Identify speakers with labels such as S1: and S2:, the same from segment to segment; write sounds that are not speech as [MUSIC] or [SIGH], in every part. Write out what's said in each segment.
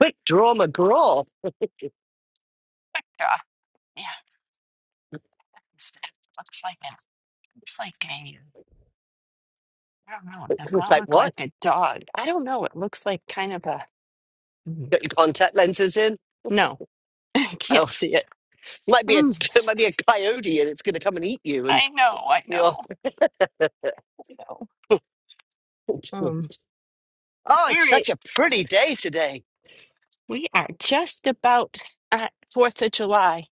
S1: Quick draw McGraw.
S2: Spectra. Yeah, it's- it looks like it looks like a. I don't know. It does
S1: It's
S2: not
S1: like,
S2: look
S1: what?
S2: like a dog. I don't know. It looks like kind of a. Mm,
S1: Got your contact lenses in?
S2: No, [LAUGHS] I
S1: Oh,
S2: can't see it.
S1: [LAUGHS] might be a
S2: Mm,
S1: [LAUGHS] might be a coyote and it's going to come and eat you. And
S2: I know. I
S1: you're,
S2: know. I know.
S1: [LAUGHS] oh,
S2: Um. All
S1: it's
S2: right,
S1: such a pretty day today.
S2: we are just about at Fourth of July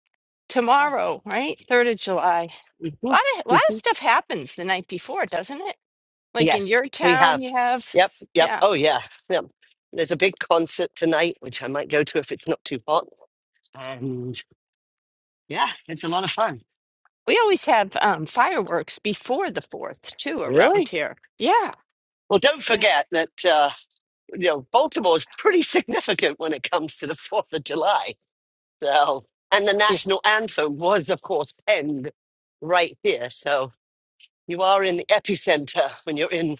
S1: Yeah.
S2: tomorrow, right? Third of July. A
S1: Mhm.
S2: lot of lot of
S1: Mhm.
S2: stuff happens the night before, doesn't it? Like in
S1: Yes,
S2: your
S1: we
S2: town,
S1: have.
S2: you have.
S1: Yep, yep.
S2: yeah.
S1: Oh yeah, yep. There's a big concert tonight, which I might go to if it's not too hot. And yeah, it's a lot of fun.
S2: We always have um, fireworks before the fourth too around
S1: Really?
S2: here. Yeah,
S1: Well, don't
S2: yeah,
S1: forget that uh, you know Baltimore's pretty significant when it comes to the Fourth of July So, and the
S2: yeah.
S1: national anthem was, of course, penned right here. So you are in the epicenter when you're in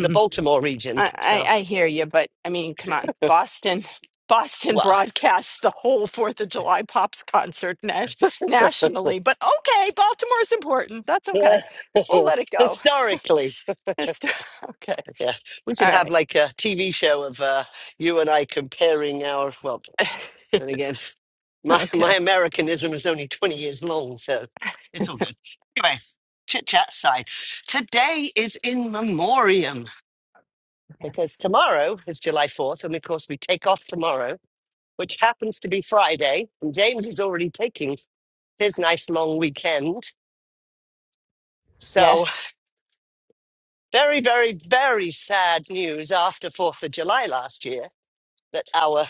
S1: the Baltimore region.
S2: I,
S1: So,
S2: I I hear you, but I mean, come on, Boston. [LAUGHS] Boston
S1: well,
S2: broadcasts the whole Fourth of July Pops concert nas- nationally, but okay, Baltimore's important. That's okay.
S1: yeah.
S2: We'll let it
S1: [LAUGHS]
S2: go.
S1: historically,
S2: Just- [LAUGHS] okay.
S1: yeah, we should
S2: All
S1: have
S2: right.
S1: like a TV show of uh, you and I comparing our, well,
S2: [LAUGHS]
S1: then again, my,
S2: okay.
S1: my Americanism is only 20 years long, so it's all good. Anyway, chit chat aside, today is in memoriam. because
S2: Yes.
S1: tomorrow is July 4th, and of course, we take off tomorrow, which happens to be Friday. And James is already taking his nice long weekend. So,
S2: Yes.
S1: very, very, very sad news after 4th of July last year that our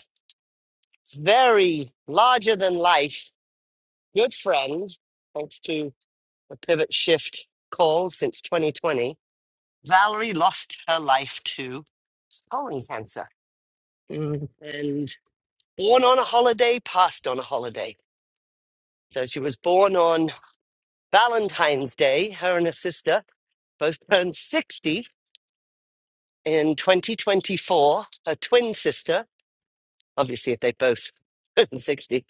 S1: very larger than life good friend, thanks to the pivot shift call since 2020, Valerie lost her life to colon cancer
S2: Mm,
S1: and born on a holiday, passed on a holiday. So she was born on Valentine's Day. Her and her sister both turned 60 in 2024. Her twin sister, obviously, if they both [LAUGHS] turned 60.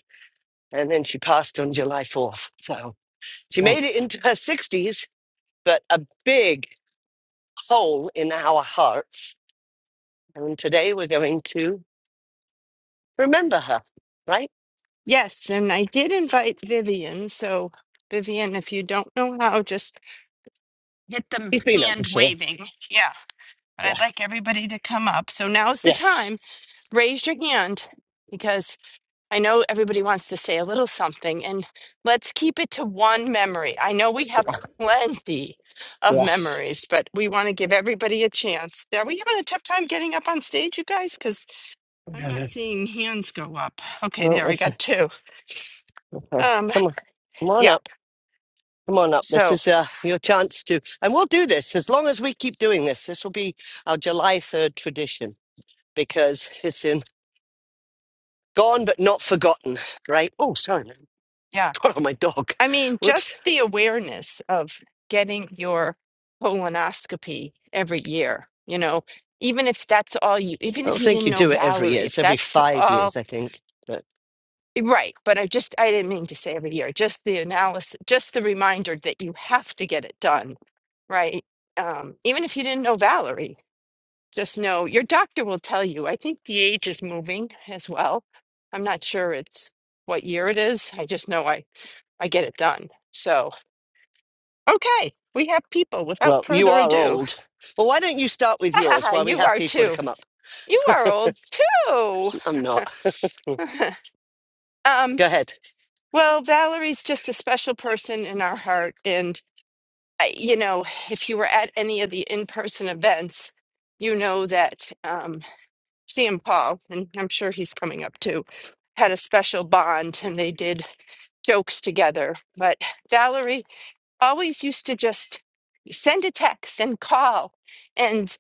S1: And then she passed on July 4th. So she
S2: right.
S1: made it into her 60s, but a big hole in our hearts. And today we're going to remember her, right?
S2: Yes, and I did invite Vivian. So Vivian, if you don't know how, just Get them
S1: She's been up
S2: hand
S1: before.
S2: waving. Yeah. But
S1: Yeah.
S2: I'd like everybody to come up. So now's the
S1: Yes.
S2: time. Raise your hand because I know everybody wants to say a little something and let's keep it to one memory. I know we have plenty of
S1: Yes.
S2: memories, but we want to give everybody a chance. Are we having a tough time getting up on stage, you guys? Because I'm
S1: No,
S2: not
S1: no.
S2: seeing hands go up. Okay,
S1: Well,
S2: there, I
S1: it's,
S2: got
S1: okay.
S2: two.
S1: Come
S2: Um,
S1: on. Come on
S2: yeah.
S1: up. Come on up. This
S2: So,
S1: is uh, your chance to, and we'll do this as long as we keep doing this. This will be our July 3rd tradition because it's in gone but not forgotten, right? Oh, sorry, man.
S2: yeah.
S1: Spot on [LAUGHS] my dog.
S2: I mean,
S1: Whoops.
S2: just the awareness of getting your colonoscopy every year, you know, even if that's all you, even
S1: I
S2: if
S1: don't
S2: you
S1: think
S2: didn't
S1: you
S2: know
S1: do it every year.
S2: Valerie, if
S1: It's every
S2: that's
S1: five
S2: all,
S1: years, I think. But,
S2: right. But I just, I didn't mean to say every year, just the analysis, just the reminder that you have to get it done, right? Um, even if you didn't know Valerie, just know your doctor will tell you. I think the age is moving as well. I'm not sure it's what year it is. I just know I, I get it done. So, Okay, we have people without
S1: well, you
S2: further
S1: are
S2: ado.
S1: old. Well, why don't you start
S2: [LAUGHS]
S1: with yours
S2: ah,
S1: while we
S2: you
S1: have
S2: are
S1: people to
S2: too.
S1: come up?
S2: You are old too.
S1: I'm not.
S2: [LAUGHS] um,
S1: Go ahead.
S2: well, Valerie's just a special person in our heart. And, I, you know, if you were at any of the in person events, you know that um, she and Paul, and I'm sure he's coming up too, had a special bond and they did jokes together. But Valerie always used to just send a text and call. and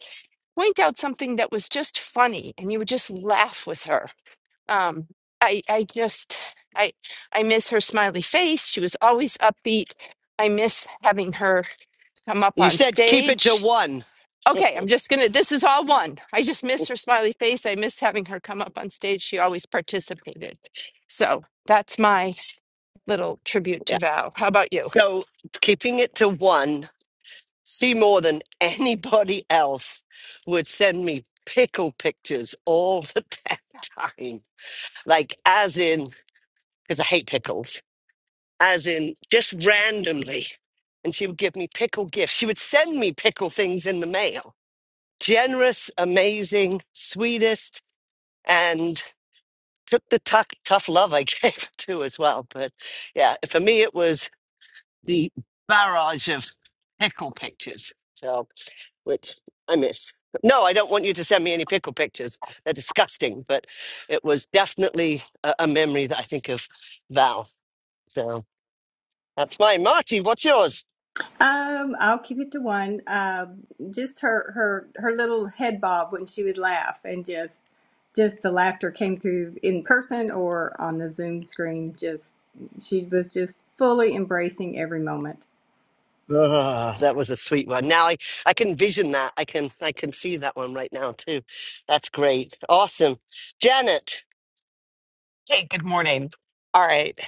S2: point out something that was just funny and you would just laugh with her um i i just i i miss her smiley face she was always upbeat i miss having her come up
S1: You
S2: on
S1: said keep it to
S2: stage
S1: one.
S2: okay i'm just gonna this is all one i just
S1: [LAUGHS]
S2: miss her smiley face i miss having her come up on stage she always participated so that's my little tribute
S1: Yeah.
S2: to val how about you
S1: So keeping it to one see more than anybody else would send me pickle pictures all the [LAUGHS] damn time. Like, as in, because I hate pickles, as in just randomly. And she would give me pickle gifts. She would send me pickle things in the mail. Generous, amazing, sweetest, and took the tuck, tough love I [LAUGHS] gave her too as well. But yeah, for me, it was the barrage of pickle pictures. So. which I miss. No, I don't want you to send me any pickle pictures. They're disgusting, but it was definitely a, a memory that I think of Val. So that's mine. Marty, what's yours?
S3: Um, I'll keep it to one. Um, just her her her little head bob when she would laugh, and just just the laughter came through in person or on the Zoom screen. Just she was just fully embracing every moment.
S1: Ah, that was a sweet one. Now I, I can vision that. I can I can see that one right now too. That's great. Awesome. Janet.
S4: Hey, good morning. All right.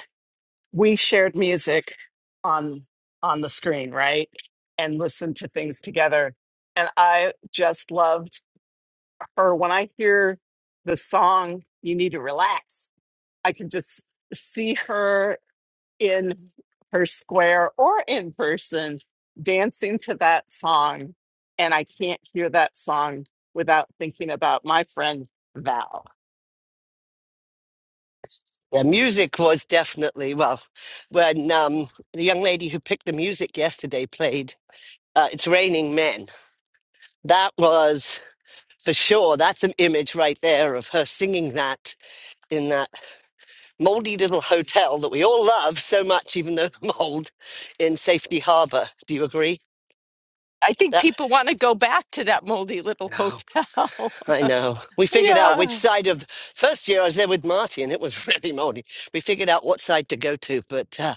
S4: We shared music on on the screen, right? And listened to things together. And I just loved her when I hear the song You Need to Relax. I can just see her in her square or in person dancing to that song and I can't hear that song without thinking about my friend Val.
S1: The music was definitely well when um the young lady who picked the music yesterday played uh, It's Raining Men. That was for sure that's an image right there of her singing that in that moldy little hotel that we all love so much even though [LAUGHS] mold in safety harbor do you agree
S2: i think
S1: that
S2: people want to go back to that moldy little
S1: no
S2: hotel
S1: i know we
S2: [LAUGHS]
S1: figured out
S2: yeah
S1: which side of first year i was there with marty and it was [LAUGHS] really moldy we figured out what side to go to but uh,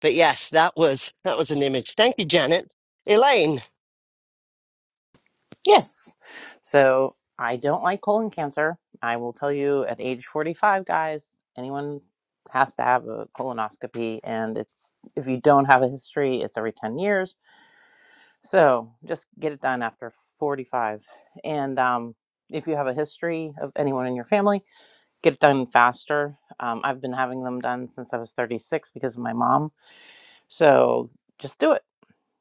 S1: But yes, that was that was an image. Thank you, Janet. Elaine.
S5: Yes. So I don't like colon cancer. I will tell you at age 45, guys, anyone has to have a colonoscopy. And it's, if you don't have a history, it's every 10 years. So just get it done after 45. And, um, if you have a history of anyone in your family, get it done faster. Um, I've been having them done since I was 36 because of my mom. So just do it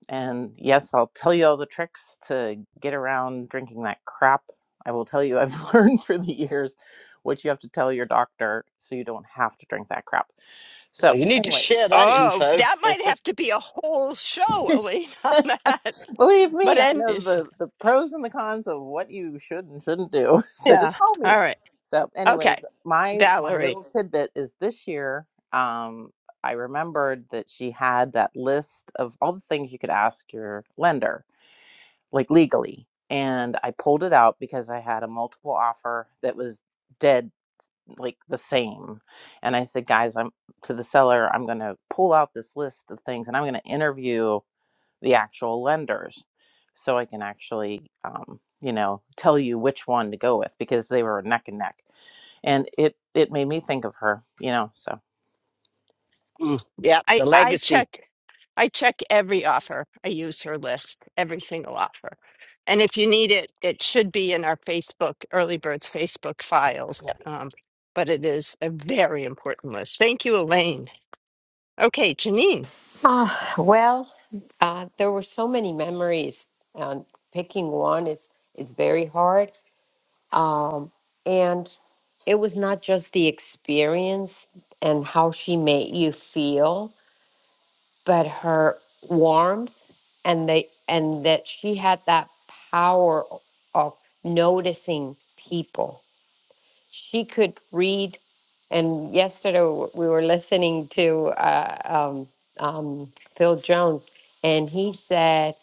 S5: and yes, I'll tell you all the tricks to get around drinking that crap. I will tell you, I've [LAUGHS] learned through the years what you have to tell your doctor so you don't have to drink that crap.
S1: Oh,
S5: So,
S1: you need to
S5: anyway,
S1: share that
S2: Oh,
S1: info.
S2: that might have to be a whole show, Elaine, on
S5: [LAUGHS]
S2: that.
S5: believe
S2: [LAUGHS] But
S5: me, I know
S2: anyways,
S5: the, the pros and the cons of what you should and shouldn't do. [LAUGHS] So,
S2: yeah.
S5: just call
S2: All
S5: me.
S2: right.
S5: So,
S2: Okay,
S5: anyways, my my
S2: Valerie.
S5: little tidbit is this year. Um, I remembered that she had that list of all the things you could ask your lender like legally. And I pulled it out because I had a multiple offer that was dead, like the same. And I said, guys, I'm to the seller, I'm going to pull out this list of things and I'm going to interview the actual lenders so I can actually, um, you know, tell you which one to go with because they were neck and neck. And it, it made me think of her, you know, so.
S1: Mm, yep,
S2: I
S1: the
S2: I
S1: legacy.
S2: check I check every offer. I use her list, every single offer. And if you need it, it should be in our Facebook Early Birds Facebook files.
S1: Yep.
S2: Um, but it is a very important list. Thank you, Elaine. Okay, Janine.
S6: Uh, well, uh, there were so many memories. and picking one is it's very hard. Um, and it was not just the experience and how she made you feel, but her warmth and the and that she had that power of noticing people she could read. And yesterday w- we were listening to uh, um, um, Phil Jones, and he said,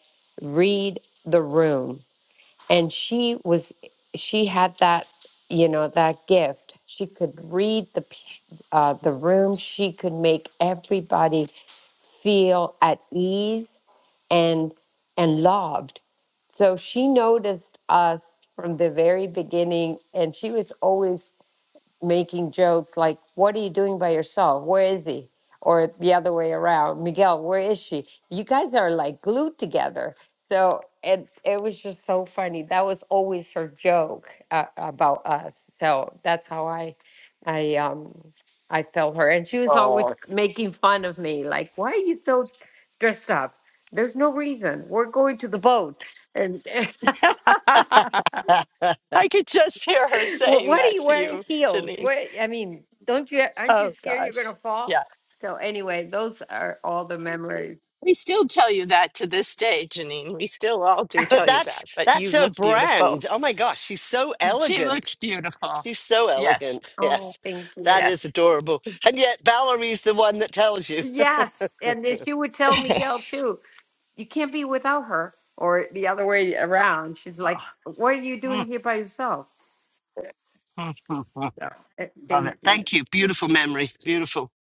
S6: "Read the room." And she was, she had that, you know, that gift. She could read the p- uh, the room. She could make everybody feel at ease and and loved. So she noticed us from the very beginning, and she was always making jokes like, What are you doing by yourself? Where is he? Or the other way around, Miguel, where is she? You guys are like glued together. So it, it was just so funny. That was always her joke uh, about us. So that's how I I um I felt her. And she was always
S1: Oh.
S6: making fun of me, like, why are you so dressed up? There's no reason. We're going to the boat. And [LAUGHS]
S2: [LAUGHS] I
S1: [LAUGHS] but
S2: could just hear her
S6: Well,
S2: saying
S6: what are
S2: that
S6: you
S2: to
S6: wearing
S2: you,
S6: heels?
S2: Janine.
S6: What I mean, don't you aren't you
S2: Oh
S6: scared you're
S2: gosh.
S6: gonna
S2: Yeah.
S6: fall? So anyway, those are all the memories.
S2: We still tell you that to this day, Janine. We still all do tell you
S1: that's
S2: that, but
S1: that's
S2: you
S1: her
S2: look beautiful.
S1: brand.
S2: [LAUGHS]
S1: Oh my gosh, she's so
S2: She looks
S1: elegant.
S2: beautiful.
S1: She's so
S2: Yes,
S1: elegant.
S6: Oh,
S1: Yes,
S6: thank you.
S1: that is
S2: yes.
S1: adorable. And yet Valerie's the one that tells you.
S6: Yes, and then she would tell
S2: [LAUGHS]
S6: Miguel too. You can't be without her, or the other way around. She's like, "What are you doing
S1: [LAUGHS]
S6: here by yourself?"
S1: Oh. [LAUGHS]
S6: So uh,
S1: Love it.
S6: thank you.
S1: Thank you. Beautiful memory. Beautiful.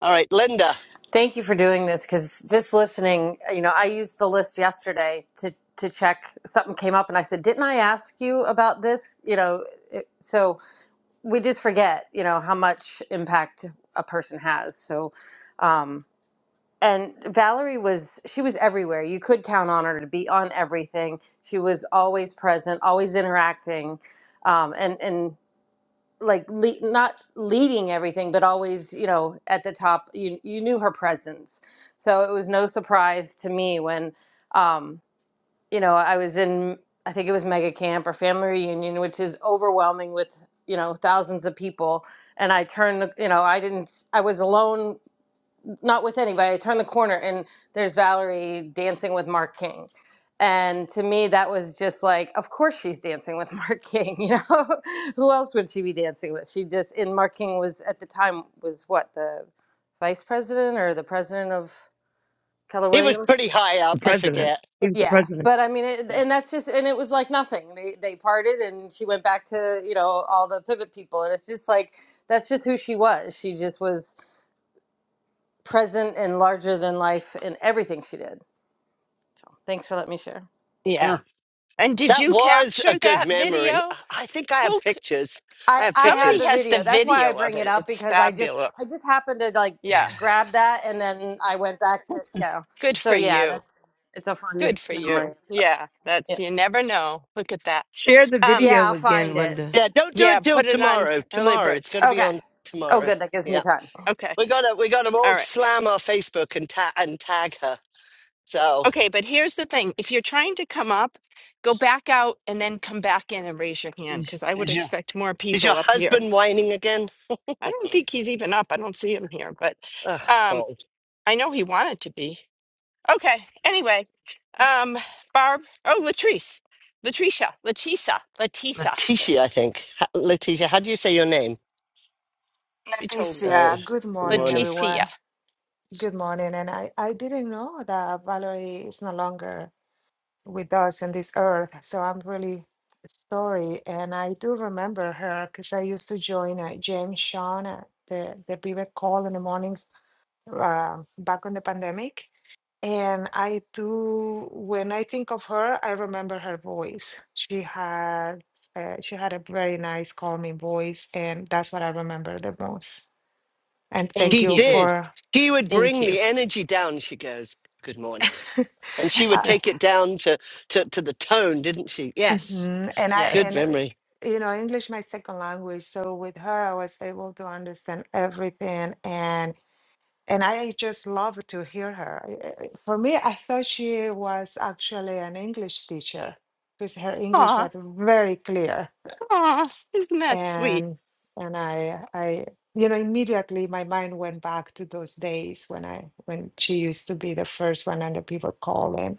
S1: All right, Linda.
S7: Thank you for doing this because just listening, you know, I used the list yesterday to to check something came up, and I said, "Didn't I ask you about this?" You know, it, so we just forget, you know, how much impact a person has. So, um, and Valerie was she was everywhere. You could count on her to be on everything. She was always present, always interacting, um, and and like le not leading everything, but always, you know, at the top. You you knew her presence, so it was no surprise to me when, um, you know, I was in I think it was mega camp or family reunion, which is overwhelming with you know thousands of people, and I turned, the, you know, I didn't, I was alone not with anybody. I turn the corner and there's Valerie dancing with Mark King. And to me, that was just like, of course she's dancing with [LAUGHS] Mark King. You know, [LAUGHS] who else would she be dancing with? She just, and Mark King was at the time was what the vice president or the president of Keller
S1: He was
S7: Williams.
S1: pretty high up.
S8: The
S1: I
S8: president.
S1: forget.
S8: He was the
S7: Yeah,
S8: president.
S7: but I mean, it,
S1: Yeah.
S7: and that's just, and it was like nothing. They they parted, and she went back to you know all the pivot people, and it's just like that's just who she was. She just was present and larger than life in everything she did. So thanks for letting me share.
S2: yeah.
S1: Uh,
S2: And did
S1: that
S2: you
S1: was a
S2: capture
S1: good
S2: that
S1: memory.
S2: video?
S1: I I think I have
S2: Who? c-
S1: pictures.
S7: I
S1: I have
S7: I have
S2: Somebody
S7: the
S1: pictures.
S2: has the
S7: video. That's why I
S2: video of
S7: bring it
S2: it.
S7: up
S2: It's
S7: because I just
S2: fabulous.
S7: I just happened to like
S2: Yeah.
S1: Yeah,
S7: grab that and then I went back to yeah.
S2: Good
S7: So
S2: for
S7: yeah,
S2: you.
S7: that's it's a
S2: Good
S7: fun
S2: for
S7: memory.
S2: you. Yeah.
S7: Yeah.
S2: That's you never know. Look at that.
S8: Share the
S2: Um.
S7: Yeah,
S8: video
S7: I'll find
S8: again,
S7: it.
S8: Linda.
S1: don't do
S2: Yeah.
S1: it till
S2: Put it on
S1: tomorrow.
S2: early
S1: Tomorrow, it's
S2: birds.
S1: going to be
S7: Okay.
S1: on
S7: Oh
S1: tomorrow.
S7: good, that gives me
S1: Yeah,
S7: time.
S2: Okay.
S1: we're gonna we're gonna
S2: All
S1: all
S2: right.
S1: slam our Facebook and ta- and tag her. So
S2: Okay, but here's the thing. If you're trying to come up, go back out and then come back in and raise your hand because I would
S1: is your
S2: expect more
S1: is
S2: people
S1: your
S2: up here.
S1: husband whining again?
S2: I don't think he's even up. I don't see him here, but
S1: Oh,
S2: um,
S1: Paul.
S2: I know he wanted to be. Okay, anyway, um, Barb, oh, Latrice, Latricia, Latisa, Latisa,
S1: Letitia, I think. Ha- Letitia, how do you say your name?
S2: she told me.
S1: Uh,
S9: Leticia, good
S1: good
S9: morning,
S1: morning.
S2: Leticia,
S9: everyone. Good morning. And I, I didn't know that Valerie is no longer with us in this earth. So I'm really sorry. And I do remember her because I used to join uh, James Sean at the, the pivot call in the mornings uh, back on the pandemic. And I do, when I think of her, I remember her voice. She had, uh, she had a very nice, calming voice. And that's what I remember the most and thank
S2: thank
S1: She
S9: you
S2: you.
S1: did.
S9: for
S1: She would
S2: Thank
S1: bring
S2: you.
S1: the
S2: [LAUGHS]
S1: energy down, she goes, Good morning.
S9: [LAUGHS]
S1: And she would
S9: uh,
S1: take it down to, to, to the tone, didn't she? Yes.
S9: mhm. and i
S2: Yes.
S1: Good
S9: and uh,
S1: memory.
S9: you know english my second language so with her i was able to understand everything and and i just love to hear her I- I- for me i thought she was actually an english teacher because her english
S2: Aw,
S9: was very clear
S2: aw, isn't that sweet?
S9: and and i i you know immediately my mind went back to those days when i when she used to be the first one and the people calling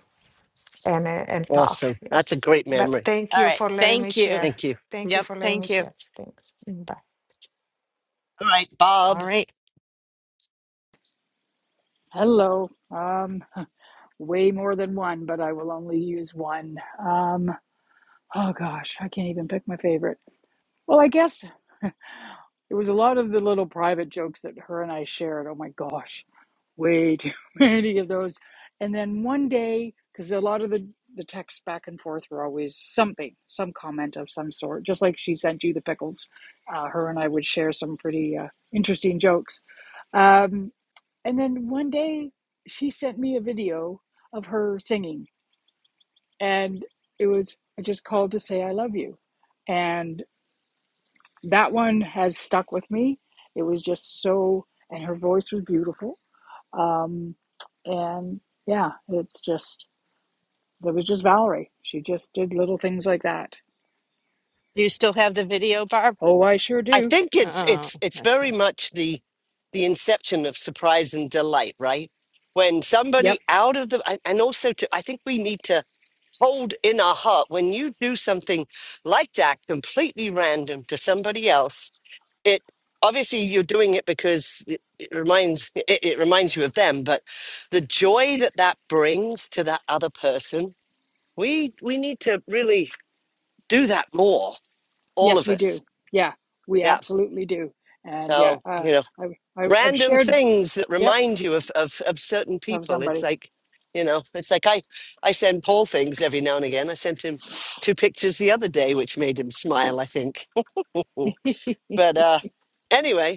S9: and uh, and talk.
S1: Awesome. That's a
S9: Yes.
S1: great
S9: But
S1: memory.
S9: thank
S2: All
S9: you
S2: right,
S9: for letting me
S2: thank you.
S9: share.
S1: Thank you.
S9: Thank you
S2: Yep,
S9: for letting
S2: thank
S9: me
S2: you.
S9: share. Thanks. Mm, Bye.
S1: All right,
S2: All
S1: Bob.
S2: right.
S10: Hello. Um, way more than one, but I will only use one. Um, oh gosh, I can't even pick my favorite. Well, I guess it was a lot of the little private jokes that her and I shared. Oh my gosh, way too [LAUGHS] many of those. And then one day, because a lot of the the texts back and forth were always something, some comment of some sort. Just like she sent you the pickles, uh, her and I would share some pretty uh, interesting jokes. Um. And then one day she sent me a video of her singing, and it was just called to say I love you. And that one has stuck with me. It was just so, and her voice was beautiful. Um, and yeah, it's just, it was just Valerie. She just did little things like that.
S2: Do you still have the video, Barb?
S10: Oh, I sure
S1: I
S10: do.
S1: think it's
S2: Oh,
S1: it's it's
S2: that's
S1: very
S2: not.
S1: much the the inception of surprise and delight, right? When
S10: Yep.
S1: somebody out of the and and also to I think we need to hold in our heart when you do something like that completely random to somebody else it obviously you're doing it because it, it reminds it, it reminds you of them but the joy that that brings to that other person we we need to really do that more all
S10: Yes,
S1: of
S10: we
S1: us
S10: do. Yeah, we
S1: yeah
S10: absolutely do. And yeah,
S1: so
S10: uh,
S1: you know
S10: I, I, I've
S1: random
S10: shared,
S1: things that
S10: yep,
S1: remind you of of, of certain
S10: of
S1: people it's
S10: somebody.
S1: like you know it's like i i send paul things every now and again i sent him two pictures the other day which made him smile i think [LAUGHS] but uh anyway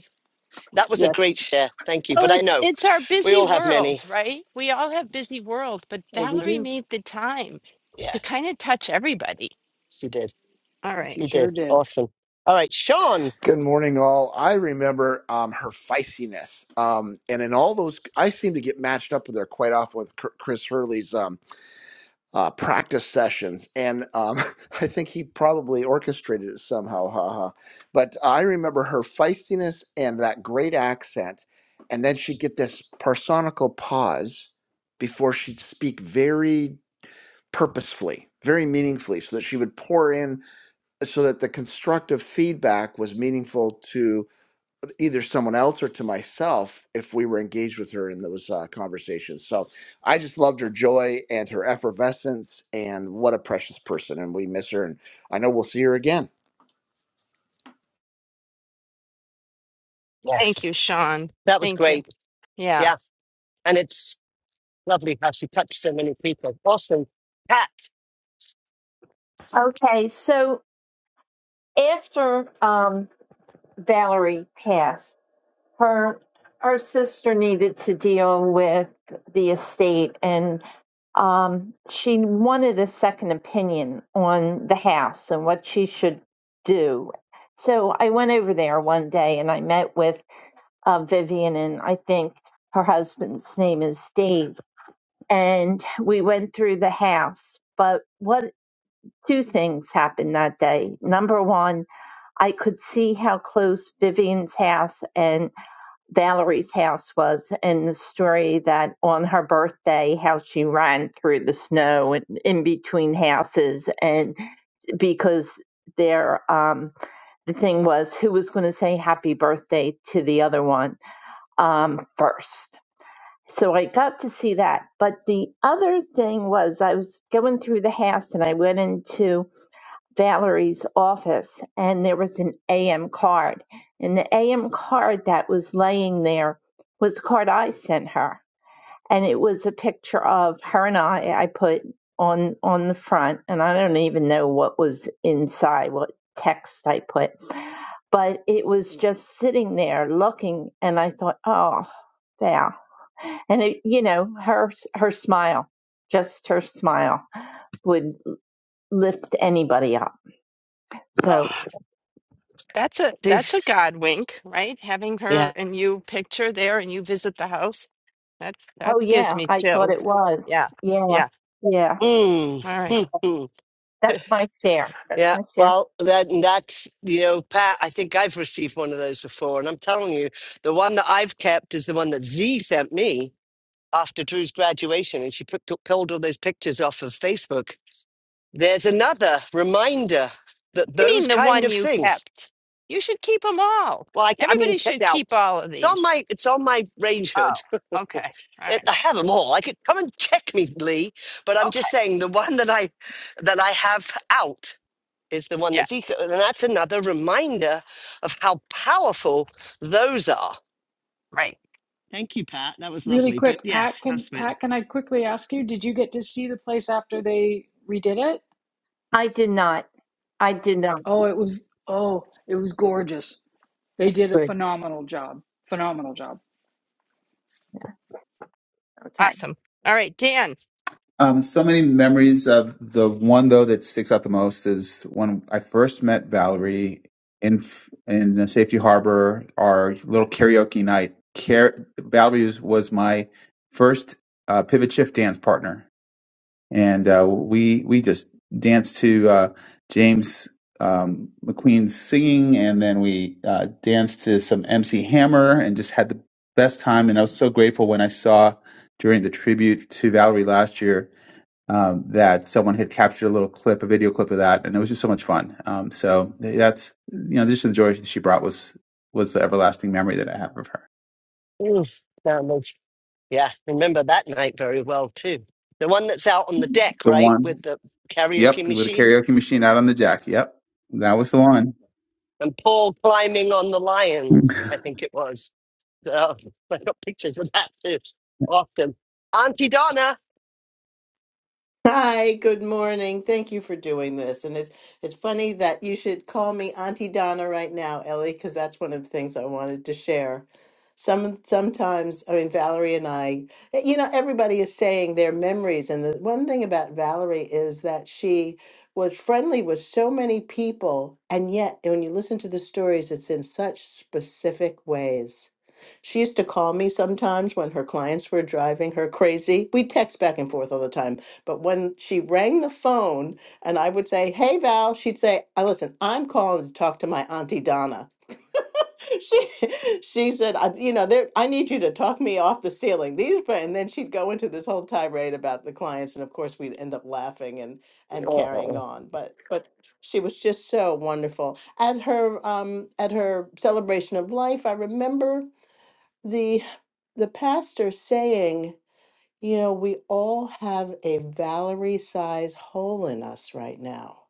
S1: That was a
S10: Yes.
S1: great share. Thank you.
S2: Well,
S1: But I
S2: it's
S1: know
S2: it's our
S1: we
S2: busy
S1: all have many.
S2: world, right? We all have busy world, but
S10: Oh, we
S2: Valerie
S10: do.
S2: made the time to
S1: Yes,
S2: kind of touch everybody.
S1: she did.
S2: All right.
S10: You
S1: He
S10: sure
S1: did.
S10: did.
S1: Awesome. All right, Sean.
S11: Good morning, all. I remember um, her feistiness, um, and in all those, I seem to get matched up with her quite often with Chr- Chris Hurley's um, uh, practice sessions, and um, [LAUGHS] I think he probably orchestrated it somehow. Ha ha! But I remember her feistiness and that great accent, and then she'd get this personical pause before she'd speak very purposefully, very meaningfully, so that she would pour in so that the constructive feedback was meaningful either someone else or to myself if we were engaged with her in those uh, conversations. So I just loved her joy and her effervescence, and what a precious person. And we miss her, and I know we'll see her again.
S2: Thank
S1: Yes,
S2: you, Sean.
S1: that was
S2: Thank you.
S1: great.
S2: Yeah.
S1: Yeah, and it's lovely how she touched so many people. Awesome. Cat.
S12: Okay, so after um, Valerie passed, her her sister needed to deal with the estate, and um, she wanted a second opinion on the house and what she should do. So I went over there one day, and I met with uh, Vivian, and I think her husband's name is Dave, and we went through the house. But what two things happened that day? Number one I could see how close Vivian's house and Valerie's house was, and the story that on her birthday, how she ran through the snow and in between houses, and because there, um, the thing was who was going to say happy birthday to the other one um, first. So I got to see that. But the other thing was, I was going through the house and I went into Valerie's office and there was an AM card. And the AM card that was laying there was the card I sent her. And it was a picture of her and I I put on on the front and I don't even know what was inside, what text I put. But it was just sitting there looking and I thought, oh Val. And it, you know, her her smile, just her smile would lift anybody up. so.
S1: God.
S2: That's a
S1: See?
S2: that's a God wink, right? Having her
S1: Yeah.
S2: and you picture there and you visit the house. That
S12: Oh
S2: that gives
S12: yeah,
S2: me
S12: I thought it
S2: chills.
S12: was.
S2: Yeah,
S12: Yeah,
S2: yeah.
S12: yeah.
S1: Mm.
S2: All right.
S1: mm, mm.
S12: That's
S1: [LAUGHS]
S12: my share. That's
S1: yeah.
S12: my share.
S1: Well, that, and that's, you know, Pat, I think I've received one of those before. And I'm telling you, the one that I've kept is the one that Z sent me after Drew's graduation. And she picked up, pulled all those pictures off of Facebook there's another reminder that
S2: I mean,
S1: those
S2: the
S1: kind
S2: one
S1: of
S2: you
S1: things,
S2: kept. You should keep them all.
S1: like I mean,
S2: Everybody
S1: get
S2: should keep
S1: out.
S2: all of
S1: It's
S2: these.
S1: on my it's on my range hood. [LAUGHS]
S2: Oh, okay. All
S1: It,
S2: right.
S1: I have them all. I could come and check me, Lee. But I'm
S2: Okay.
S1: just saying the one that I that I have out is the one
S2: Yeah.
S1: that's eco, and that's another reminder of how powerful those are.
S2: Right.
S1: Thank you, Pat. That was
S10: Really
S1: lovely. But
S10: quick, Pat,
S1: yes, have
S10: can
S1: Smith.
S10: Pat, can I quickly ask you, did you get to see the place after they redid it?
S12: I did not. I did not.
S10: Oh, it was oh, it was gorgeous. They did a
S12: Good.
S10: phenomenal job. Phenomenal job.
S12: Okay.
S2: Awesome. All right, Dan.
S13: Um, so many memories of the one though that sticks out the most is when I first met Valerie in f- in Safety Harbor, our little karaoke night. Car- Valerie was, was my first uh, pivot shift dance partner, and uh, we we just danced to uh, James um, McQueen's singing, and then we uh, danced to some MC Hammer, and just had the best time. And I was so grateful when I saw during the tribute to Valerie last year um, that someone had captured a little clip, a video clip of that, and it was just so much fun. Um, so that's you know, just the joy she brought was was the everlasting memory that I have of her.
S1: Ooh, that was yeah. Remember that night very well too. The one that's out on the deck,
S13: The
S1: right,
S13: one,
S1: with the karaoke
S13: yep, with the
S1: machine.
S13: karaoke machine out on the
S1: Yeah.
S13: jack. Yep, that was the one.
S1: And Paul climbing on the lions, I think it was. So [LAUGHS] I got pictures of that too. Often. Auntie Donna.
S14: Hi, good morning. Thank you for doing this. And it's it's funny that you should call me Auntie Donna right now, Ellie, because that's one of the things I wanted to share. Some sometimes, I mean, Valerie and I, eh, you know, everybody is saying their memories, and the one thing about Valerie is that she was friendly with so many people, and yet when you listen to the stories, it's in such specific ways. She used to call me sometimes when her clients were driving her crazy. We text back and forth all the time but when she rang the phone and I would say, Hey, Val, she'd say, "Uh, Listen, I'm calling to talk to my Auntie Donna. [LAUGHS] she she said, I, You know, there, I need you to talk me off the ceiling. These, pa-" and then she'd go into this whole tirade about the clients. And of course, we'd end up laughing and, and carrying
S1: Oh,
S14: on. But, but she was just so wonderful. At her, um, at her celebration of life, I remember the, the pastor saying, you know, we all have a Valerie size hole in us right now.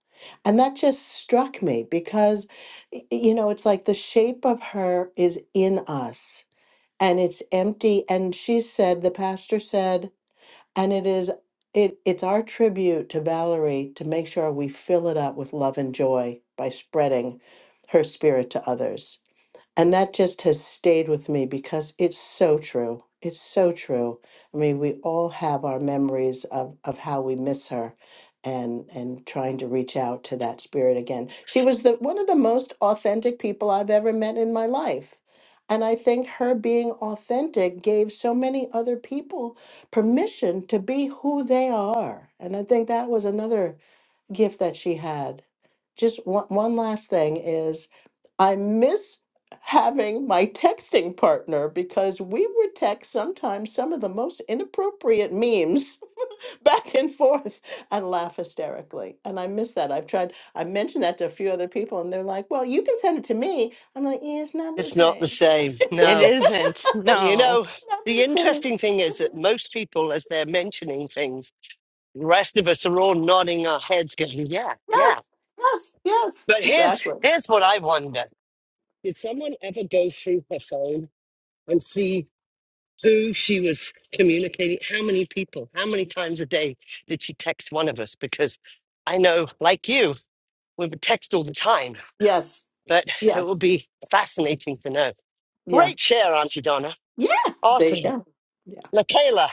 S14: And that just struck me because, y- y- you know, it's like the shape of her is in us and it's empty. And she said, the pastor said, and it is. It, it's our tribute to Valerie to make sure we fill it up with love and joy by spreading her spirit to others. And that just has stayed with me because it's so true. It's so true. I mean, we all have our memories of, of how we miss her and and trying to reach out to that spirit again. She was the one of the most authentic people I've ever met in my life. And I think her being authentic gave so many other people permission to be who they are. And I think that was another gift that she had. Just one, one last thing is I miss having my texting partner because we would text sometimes some of the most inappropriate memes [LAUGHS] back and forth and laugh hysterically. And I miss that. I've tried, I mentioned that to a few other people and they're like, well, you can send it to me. I'm like, yeah, it's not the
S1: it's not the
S14: same.
S1: same.
S14: [LAUGHS]
S2: It
S1: No.
S2: isn't.
S1: You
S2: No.
S1: know,
S14: not the
S1: the
S14: same.
S1: interesting thing is that
S14: [LAUGHS]
S1: most people, as they're mentioning things, the rest of us are all nodding our heads, going, Yeah, yeah.
S14: Yes, yes, yes.
S1: But here's
S14: Exactly.
S1: here's what I wonder. Did someone ever go through her phone and see? who she was communicating, how many people, how many times a day did she text one of us? Because I know, like you, we would text all the time,
S14: Yes,
S1: but it would
S14: yes,
S1: be fascinating to know.
S14: yeah,
S1: Great share, Auntie Donna.
S14: yeah. There you
S1: Awesome.
S14: go. Yeah.
S1: Lakayla.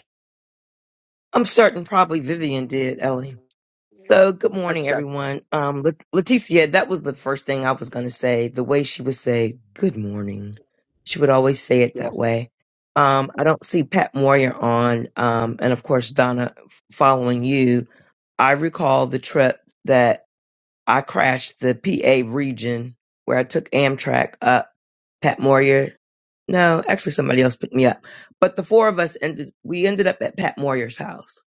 S8: I'm certain probably Vivian did, Ellie. So good
S1: Hope
S8: morning,
S1: so.
S8: everyone. Um, Let- Leticia, that was the first thing I was going to say. The way she would say good morning, she would always say it that
S1: Yes.
S8: way. Um, I don't see Pat Moyer on, um, and of course Donna f- following you. I recall the trip that I crashed the PA region where I took Amtrak up. Pat Moyer No, actually somebody else picked me up. But the four of us ended we ended up at Pat Moyer's house.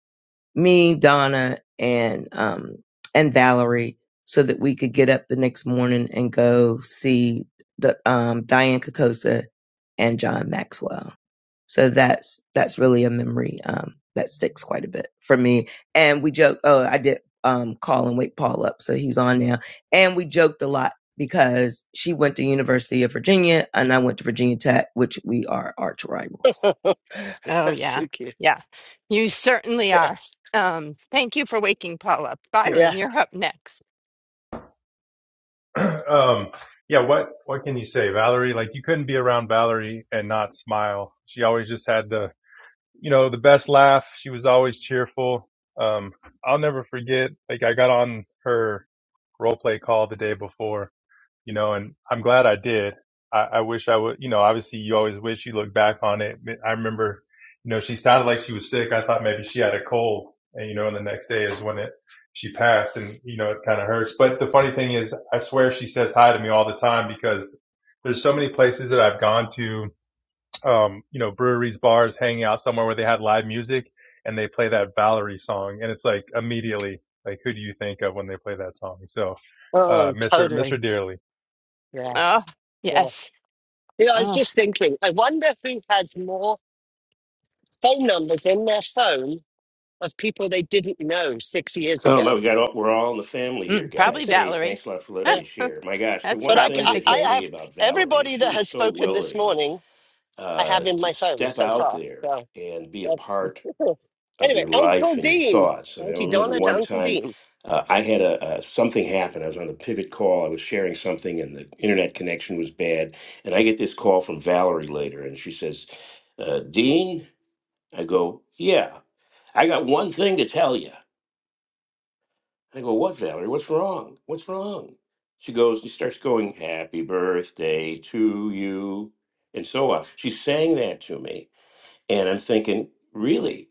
S8: Me, Donna, and um and Valerie, so that we could get up the next morning and go see the um Diane Kakosa and John Maxwell. So that's that's really a memory um, that sticks quite a bit for me. And we joke. Oh, I did um, call and wake Paul up, so he's on now. And we joked a lot because she went to University of Virginia and I went to Virginia Tech, which we are arch
S1: [LAUGHS]
S8: rivals.
S2: Oh,
S1: That's
S2: yeah.
S1: so cute.
S2: Yeah. You certainly
S1: Yeah.
S2: are. Um, thank you for waking Paul up. Byron,
S1: Yeah.
S2: you're up next.
S15: Um, yeah, what what can you say, Valerie? Like you couldn't be around Valerie and not smile. She always just had the, you know, the best laugh. She was always cheerful. Um, I'll never forget. Like I got on her role play call the day before, you know, and I'm glad I did. I, I wish I would, you know, obviously you always wish you look back on it. I remember, you know, she sounded like she was sick. I thought maybe she had a cold and, you know, and the next day is when it, she passed and, you know, it kind of hurts. But the funny thing is I swear she says hi to me all the time because there's so many places that I've gone to, um, you know, breweries, bars, hanging out somewhere where they had live music and they play that Valerie song. And it's like immediately, like, who do you think of when they play that song? So, uh,
S1: Oh,
S15: miss her, miss her
S1: totally.
S15: dearly.
S1: Yes.
S2: Oh,
S1: Yeah.
S2: yes.
S1: You know, I was
S2: Oh,
S1: just thinking, I wonder who has more phone numbers in their phone of people they didn't know six years
S16: Oh my,
S1: ago.
S16: we got all, we're all in the family here,
S2: mm, probably
S16: guys. Hey,
S2: Valerie.
S16: thanks a lot for letting
S1: Yeah.
S16: me
S2: [LAUGHS]
S16: share. My gosh, the
S2: That's
S16: one
S1: But I, c-
S16: thing
S2: probably the
S16: that
S1: I-
S16: hit
S1: I
S2: case.
S16: me
S1: have
S16: about Valerie is
S1: everybody
S16: she
S1: that
S16: was
S1: has
S16: so
S1: spoken this
S16: willing
S1: morning, I
S16: uh,
S1: have in
S16: to
S1: my phone
S16: step
S1: so
S16: out
S1: far.
S16: there
S1: So
S16: and be a
S1: that's.
S16: part
S1: [LAUGHS]
S16: of
S1: anyway,
S16: your
S1: Uncle
S16: life and your
S1: Dean.
S16: thoughts. I mean, I
S1: Auntie
S16: remember
S1: Donna to
S16: one
S1: Uncle
S16: time
S1: Dean.
S16: uh, I had a, a something happen. I was on a pivot call. I was sharing something, and the internet connection was bad. And I get this call from Valerie later, and she says, uh, "Dean," I go, "Yeah, I got one thing to tell you." I go, what, Valerie? What's wrong? What's wrong? She goes, she starts going, happy birthday to you, and so on. She sang that to me. And I'm thinking, really?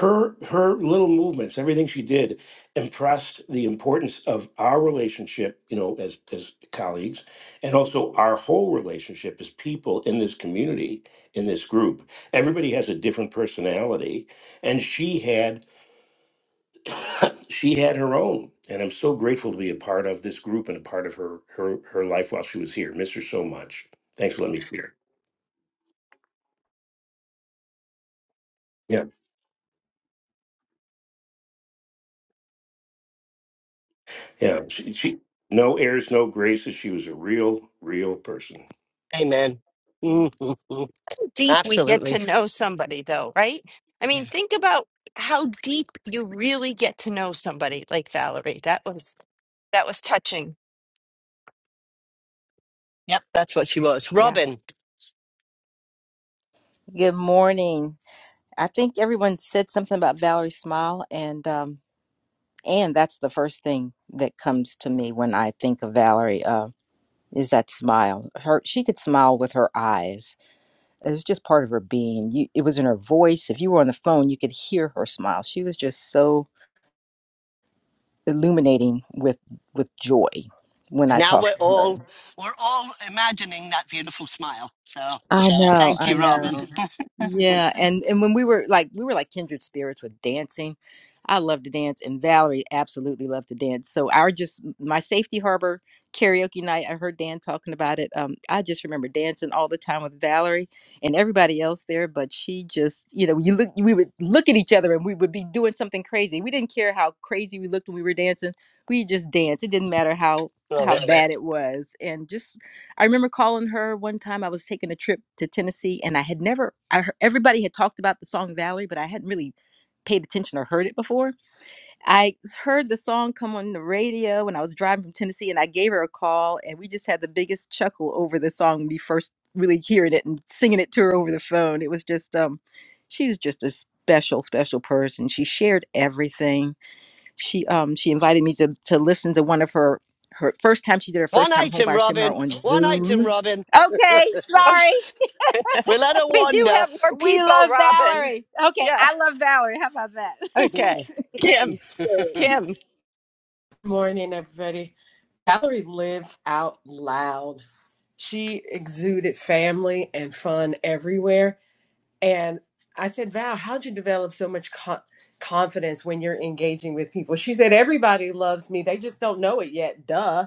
S16: Her her little movements, everything she did, impressed the importance of our relationship, you know, as as colleagues, and also our whole relationship as people in this community, in this group. Everybody has a different personality, and she had she had her own and i'm so grateful to be a part of this group and a part of her her her life while she was here miss her so much thanks for letting me share yeah yeah she, she no airs no graces she was a real real person
S1: Amen. [LAUGHS]
S2: Deep we get to
S1: Absolutely.
S2: know somebody, though, right? I mean,
S1: Yeah.
S2: think about how deep you really get to know somebody like Valerie. That was that was touching.
S1: Yep, that's what she was.
S2: Yeah.
S1: Robin.
S17: Good morning. I think everyone said something about Valerie Smile, and um, and that's the first thing that comes to me when I think of Valerie uh, is that smile. Her she could smile with her eyes. It was just part of her being. You, it was in her voice. If you were on the phone, you could hear her smile. She was just so illuminating with with joy when
S1: And
S17: I
S1: now
S17: talked
S1: we're
S17: to her.
S1: all we're all imagining that beautiful smile. So
S17: I know,
S1: thank
S17: I
S1: you, Robin.
S17: know. Yeah, and and when we were like we were like kindred spirits with dancing. I love to dance, and Valerie absolutely loved to dance. So our just my safety harbor karaoke night. I heard Dan talking about it. Um, I just remember dancing all the time with Valerie and everybody else there. But she just, you know, you look, we would look at each other, and we would be doing something crazy. We didn't care how crazy we looked when we were dancing. We just danced. It didn't matter how
S1: Love
S17: how
S1: it.
S17: bad it was, and just I remember calling her one time. I was taking a trip to Tennessee, and I had never. I heard, everybody had talked about the song Valerie, but I hadn't really paid attention or heard it before. I heard the song come on the radio when I was driving from Tennessee, and I gave her a call, and we just had the biggest chuckle over the song. when We first really hearing it and singing it to her over the phone. It was just, um, she was just a special, special person. She shared everything she um she invited me to to listen to one of her her first time she did her first
S1: One
S17: time
S1: item,
S17: homebuyer seminar
S1: Robin.
S17: on
S1: One item,
S17: Zoom.
S1: Robin.
S17: Okay, sorry.
S2: [LAUGHS]
S1: We let her
S2: We do
S1: wander.
S2: have more
S17: We
S2: people,
S17: love
S2: Robin.
S17: Valerie. Okay,
S2: Yeah.
S17: I love Valerie. How about that? [LAUGHS]
S2: Okay.
S1: Mm. Kim.
S2: Kim, Kim.
S18: Morning, everybody. Valerie lived out loud. She exuded family and fun everywhere. And I said, Val, how'd you develop so much co- confidence when you're engaging with people? She said, Everybody loves me. They just don't know it yet. Duh.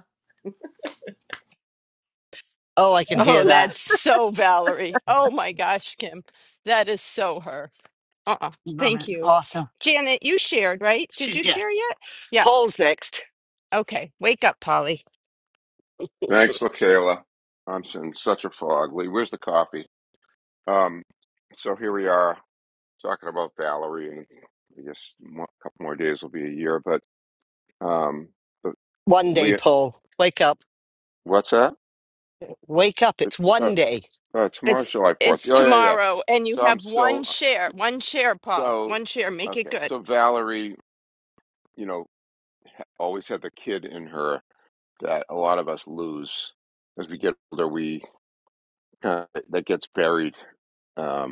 S1: Oh, I can
S2: Oh,
S1: hear that.
S2: that's so Valerie. Oh my gosh, Kim. That is so her. Uh-uh.
S1: Love
S2: Thank
S1: it.
S2: you.
S1: Awesome.
S2: Janet, you shared, right? Did you
S1: She's, yeah.
S2: share yet? Yeah.
S1: Paul's next.
S2: Okay. Wake up, Polly.
S19: Thanks, LaKayla. I'm in such a fog. Lee, where's the coffee? Um, so here we are talking about Valerie, and I guess mo- a couple more days will be a year. But um, but
S1: One day,
S19: Lee,
S1: Paul. Wake up.
S19: what's that?
S1: Wake up. It's
S19: Uh,
S1: one day.
S19: uh, tomorrow's
S2: It's
S19: July Fourth.
S2: it's
S19: Oh yeah, yeah.
S2: tomorrow and you
S19: So I'm
S2: have one
S19: still
S2: share. One share, Paul.
S19: so
S2: One share. Make it
S19: okay.
S2: good.
S19: So Valerie, you know, always had the kid in her that a lot of us lose as we get older. We uh, that gets buried. Um,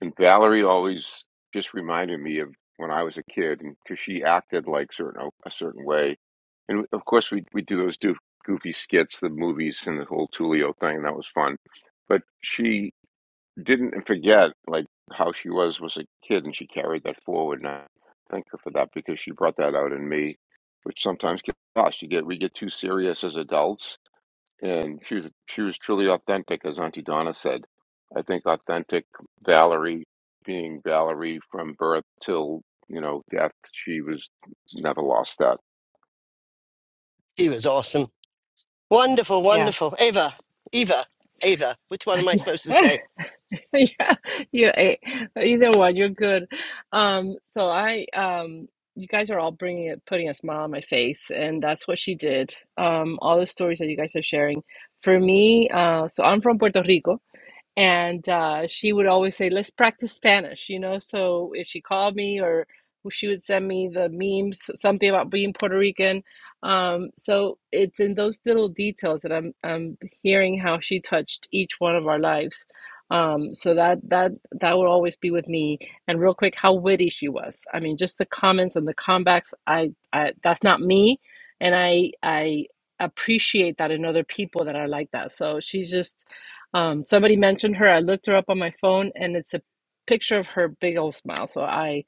S19: And Valerie always just reminded me of when I was a kid, and because she acted like certain oh, a certain way, and of course we we do those doof, goofy skits, the movies, and the whole Tulio thing, and that was fun. But she didn't forget like how she was was a kid, and she carried that forward. And I thank her for that because she brought that out in me, which sometimes gets lost. You get we get too serious as adults, and she was she was truly authentic, as Auntie Donna said. I think authentic Valerie, being Valerie from birth till you know death, she was never lost that.
S1: He was awesome. Wonderful,
S2: Yeah.
S1: wonderful. Ava, Eva, Ava. Which one am I supposed to
S20: [LAUGHS]
S1: say?
S20: yeah, yeah. eh, Either one, you're good. Um, so I, um, you guys are all bringing it, putting a smile on my face, and that's what she did. Um, all the stories that you guys are sharing. For me, uh, so I'm from Puerto Rico, and uh, she would always say, "Let's practice Spanish," you know. So if she called me, or she would send me the memes, something about being Puerto Rican. Um, so it's in those little details that I'm I'm hearing how she touched each one of our lives. Um, so that that that will always be with me. And real quick, how witty she was! I mean, just the comments and the comebacks. I, I that's not me, and I I appreciate that in other people that are like that. So she's just um, somebody mentioned her. I looked her up on my phone, and it's a picture of her big old smile. So I,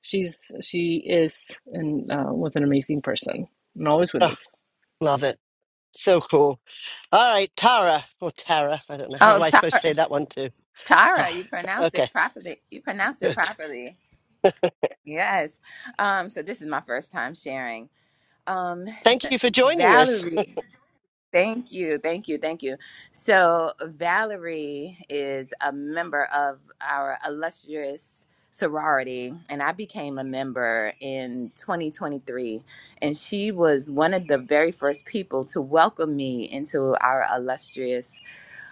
S20: she's she is and uh, was an amazing person, and always with
S1: Oh,
S20: us.
S1: love it. So cool. All right, Tara or Tara. I don't know. How
S21: Oh,
S1: do I supposed to
S21: Tara,
S1: say that one too? Tara.
S21: Tara, you pronounced it
S1: Okay,
S21: properly. You pronounced it
S1: good.
S21: properly. Yes. Um, so this is my first time sharing. Um,
S1: Thank you for joining us.
S21: Valerie, thank you, thank you, thank you. So Valerie is a member of our illustrious sorority, and I became a member in 2023, and she was one of the very first people to welcome me into our illustrious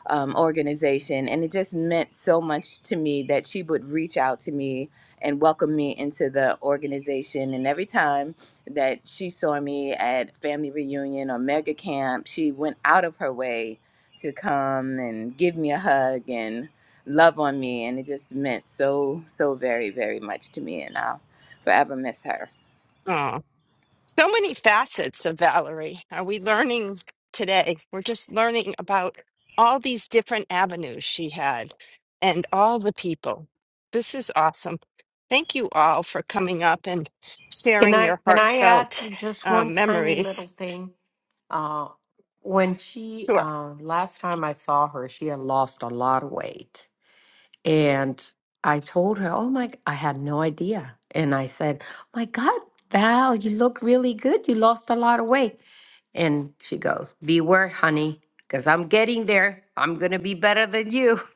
S21: um, organization. And it just meant so much to me that she would reach out to me and welcome me into the organization. And every time that she saw me at family reunion or mega camp, she went out of her way to come and give me a hug and love on me. And it just meant so, so very, very much to me. And I'll forever miss her.
S2: So many facets of Valerie are we learning today? We're just learning about all these different avenues she had and all the people. This is awesome. Thank you all for coming up and
S6: Can
S2: sharing
S6: I
S2: your
S6: can I add
S2: heartfelt
S6: just one
S2: um,
S6: tiny little
S2: memories.
S6: thing? Uh, when she
S2: Sure.
S6: uh, last time I saw her, she had lost a lot of weight And I told her, Oh my, g- I had no idea. And I said, My God, Val, you look really good. You lost a lot of weight. And she goes, Beware, honey, because I'm getting there. I'm going to be better than you. [LAUGHS]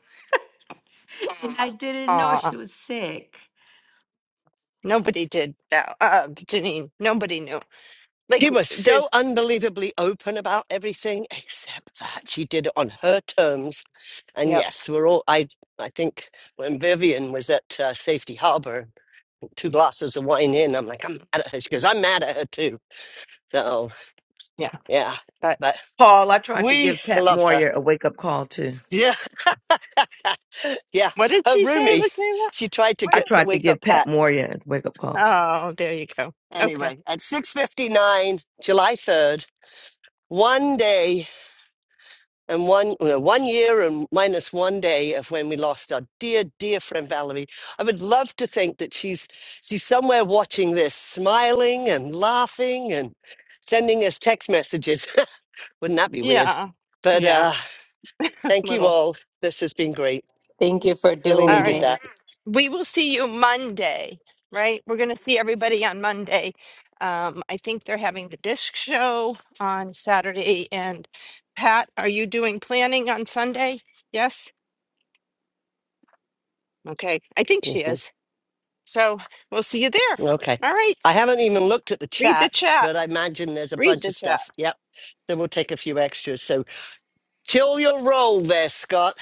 S6: And I didn't know
S2: Aw,
S6: she was sick.
S2: nobody did that. Uh, Janine, nobody knew. Like,
S1: She was
S2: there's,
S1: so unbelievably open about everything, except that she did it on her terms. And
S2: yep,
S1: yes, we're all. I I think when Vivian was at uh, Safety Harbor, two glasses of wine in, I'm like, I'm mad at her. She goes, I'm mad at her too. So
S2: yeah.
S1: yeah,
S2: But
S1: but
S8: Paul, I tried to
S1: we
S8: give Pat
S1: love her.
S8: Moyer a wake up call too.
S1: Yeah, [LAUGHS] yeah.
S2: what did
S1: Her
S2: she say,
S1: roomie,
S2: Lakayla?
S1: she tried to
S2: What
S8: I
S2: did,
S1: get
S8: tried to
S1: wake
S8: give
S1: up
S8: Pat
S1: Pat.
S8: Moria a wake up call too.
S2: oh, there you go. Okay.
S1: Anyway, at six fifty nine, July third, one day and one well, one year and minus one day of when we lost our dear dear friend Valerie. I would love to think that she's she's somewhere watching this, smiling and laughing and sending us text messages. [LAUGHS] Wouldn't that be weird?
S2: Yeah,
S1: But
S2: yeah,
S1: uh,
S2: [LAUGHS]
S1: thank you
S2: little.
S1: all. This has been great.
S6: Thank you for
S1: Really
S2: All
S6: doing
S1: needed
S2: right.
S6: it.
S1: that.
S2: We will see you Monday, right? We're going to see everybody on Monday. Um, I think they're having the disc show on Saturday. And Pat, are you doing planning on Sunday? Yes? Okay. I think she
S1: hmm
S2: is. So we'll see you there.
S1: Okay.
S2: All right.
S1: I haven't even looked at the
S2: Read the
S1: chat,
S2: chat.
S1: but I imagine there's a
S2: Read
S1: bunch
S2: the
S1: of
S2: chat.
S1: stuff. Yep. So we'll take a few extras. So till your roll there, Scott.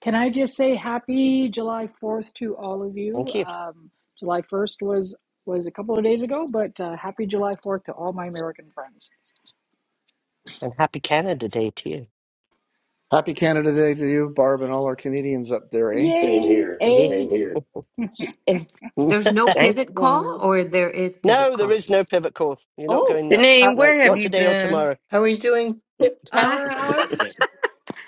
S10: Can I just say happy July 4th to all of you?
S1: Thank you.
S10: Um, July 1st was was a couple of days ago, but uh, happy July 4th to all my American friends.
S1: And happy Canada Day to you.
S11: Happy Canada Day to you, Barb, and all our Canadians up there, eh?
S16: same here
S10: Yay!
S1: Eh?
S10: A
S6: Is
S1: [LAUGHS]
S6: there's no
S8: Thanks,
S6: pivot call
S8: Juan.
S6: or there is pivot
S1: no, there
S6: call?
S1: is no pivot call. You're not
S6: Oh,
S1: going nuts.
S14: How
S8: Janine,
S1: No,
S8: where have
S1: not
S6: oh,
S8: you
S1: today or
S8: been?
S1: tomorrow.
S14: are we doing?
S6: ah.
S14: Power hour?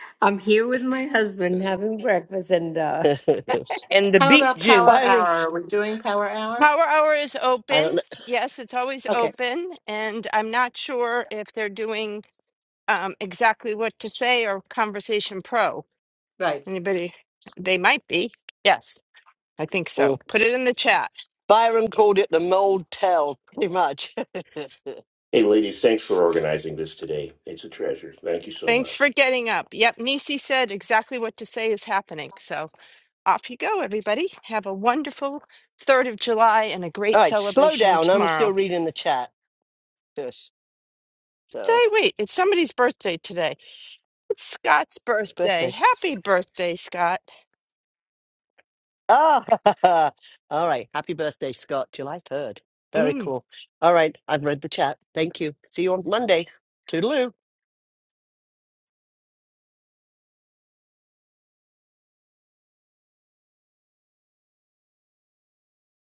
S6: [LAUGHS] I'm here with my husband having breakfast, and uh, [LAUGHS]
S1: [LAUGHS]
S8: And the
S14: How
S8: beet
S14: about
S8: juice.
S14: Power
S1: Byron,
S14: Hour? Are we doing Power Hour?
S2: Power Hour is
S1: I don't
S2: open.
S1: know.
S2: Yes, it's always
S14: Okay,
S2: open. And I'm not sure if they're doing um, exactly what to say or Conversation Pro.
S14: right.
S2: Anybody? They might be. Yes, I think so.
S1: Mm.
S2: Put it in the chat.
S1: Byron called it the mold tell, pretty much. [LAUGHS] All
S16: hey ladies thanks for organizing this today it's a treasure thank you so much
S2: Thanks for getting up. Yep, Nisi said exactly what to say is happening. So off you go, everybody. Have a wonderful 3rd of July and a great
S1: right, slow
S2: celebration
S1: down. I'm still
S2: tomorrow.
S1: reading the chat. Yes,
S2: Today,
S1: So
S2: wait, it's somebody's birthday today. It's Scott's
S1: it's
S2: birthday.
S1: birthday.
S2: Happy birthday, Scott.
S1: Ah, [LAUGHS] all right. Happy birthday, Scott. July 3rd. Very
S2: Mm.
S1: cool. All right, I've read the chat. Thank you. See you on Monday. Toodaloo.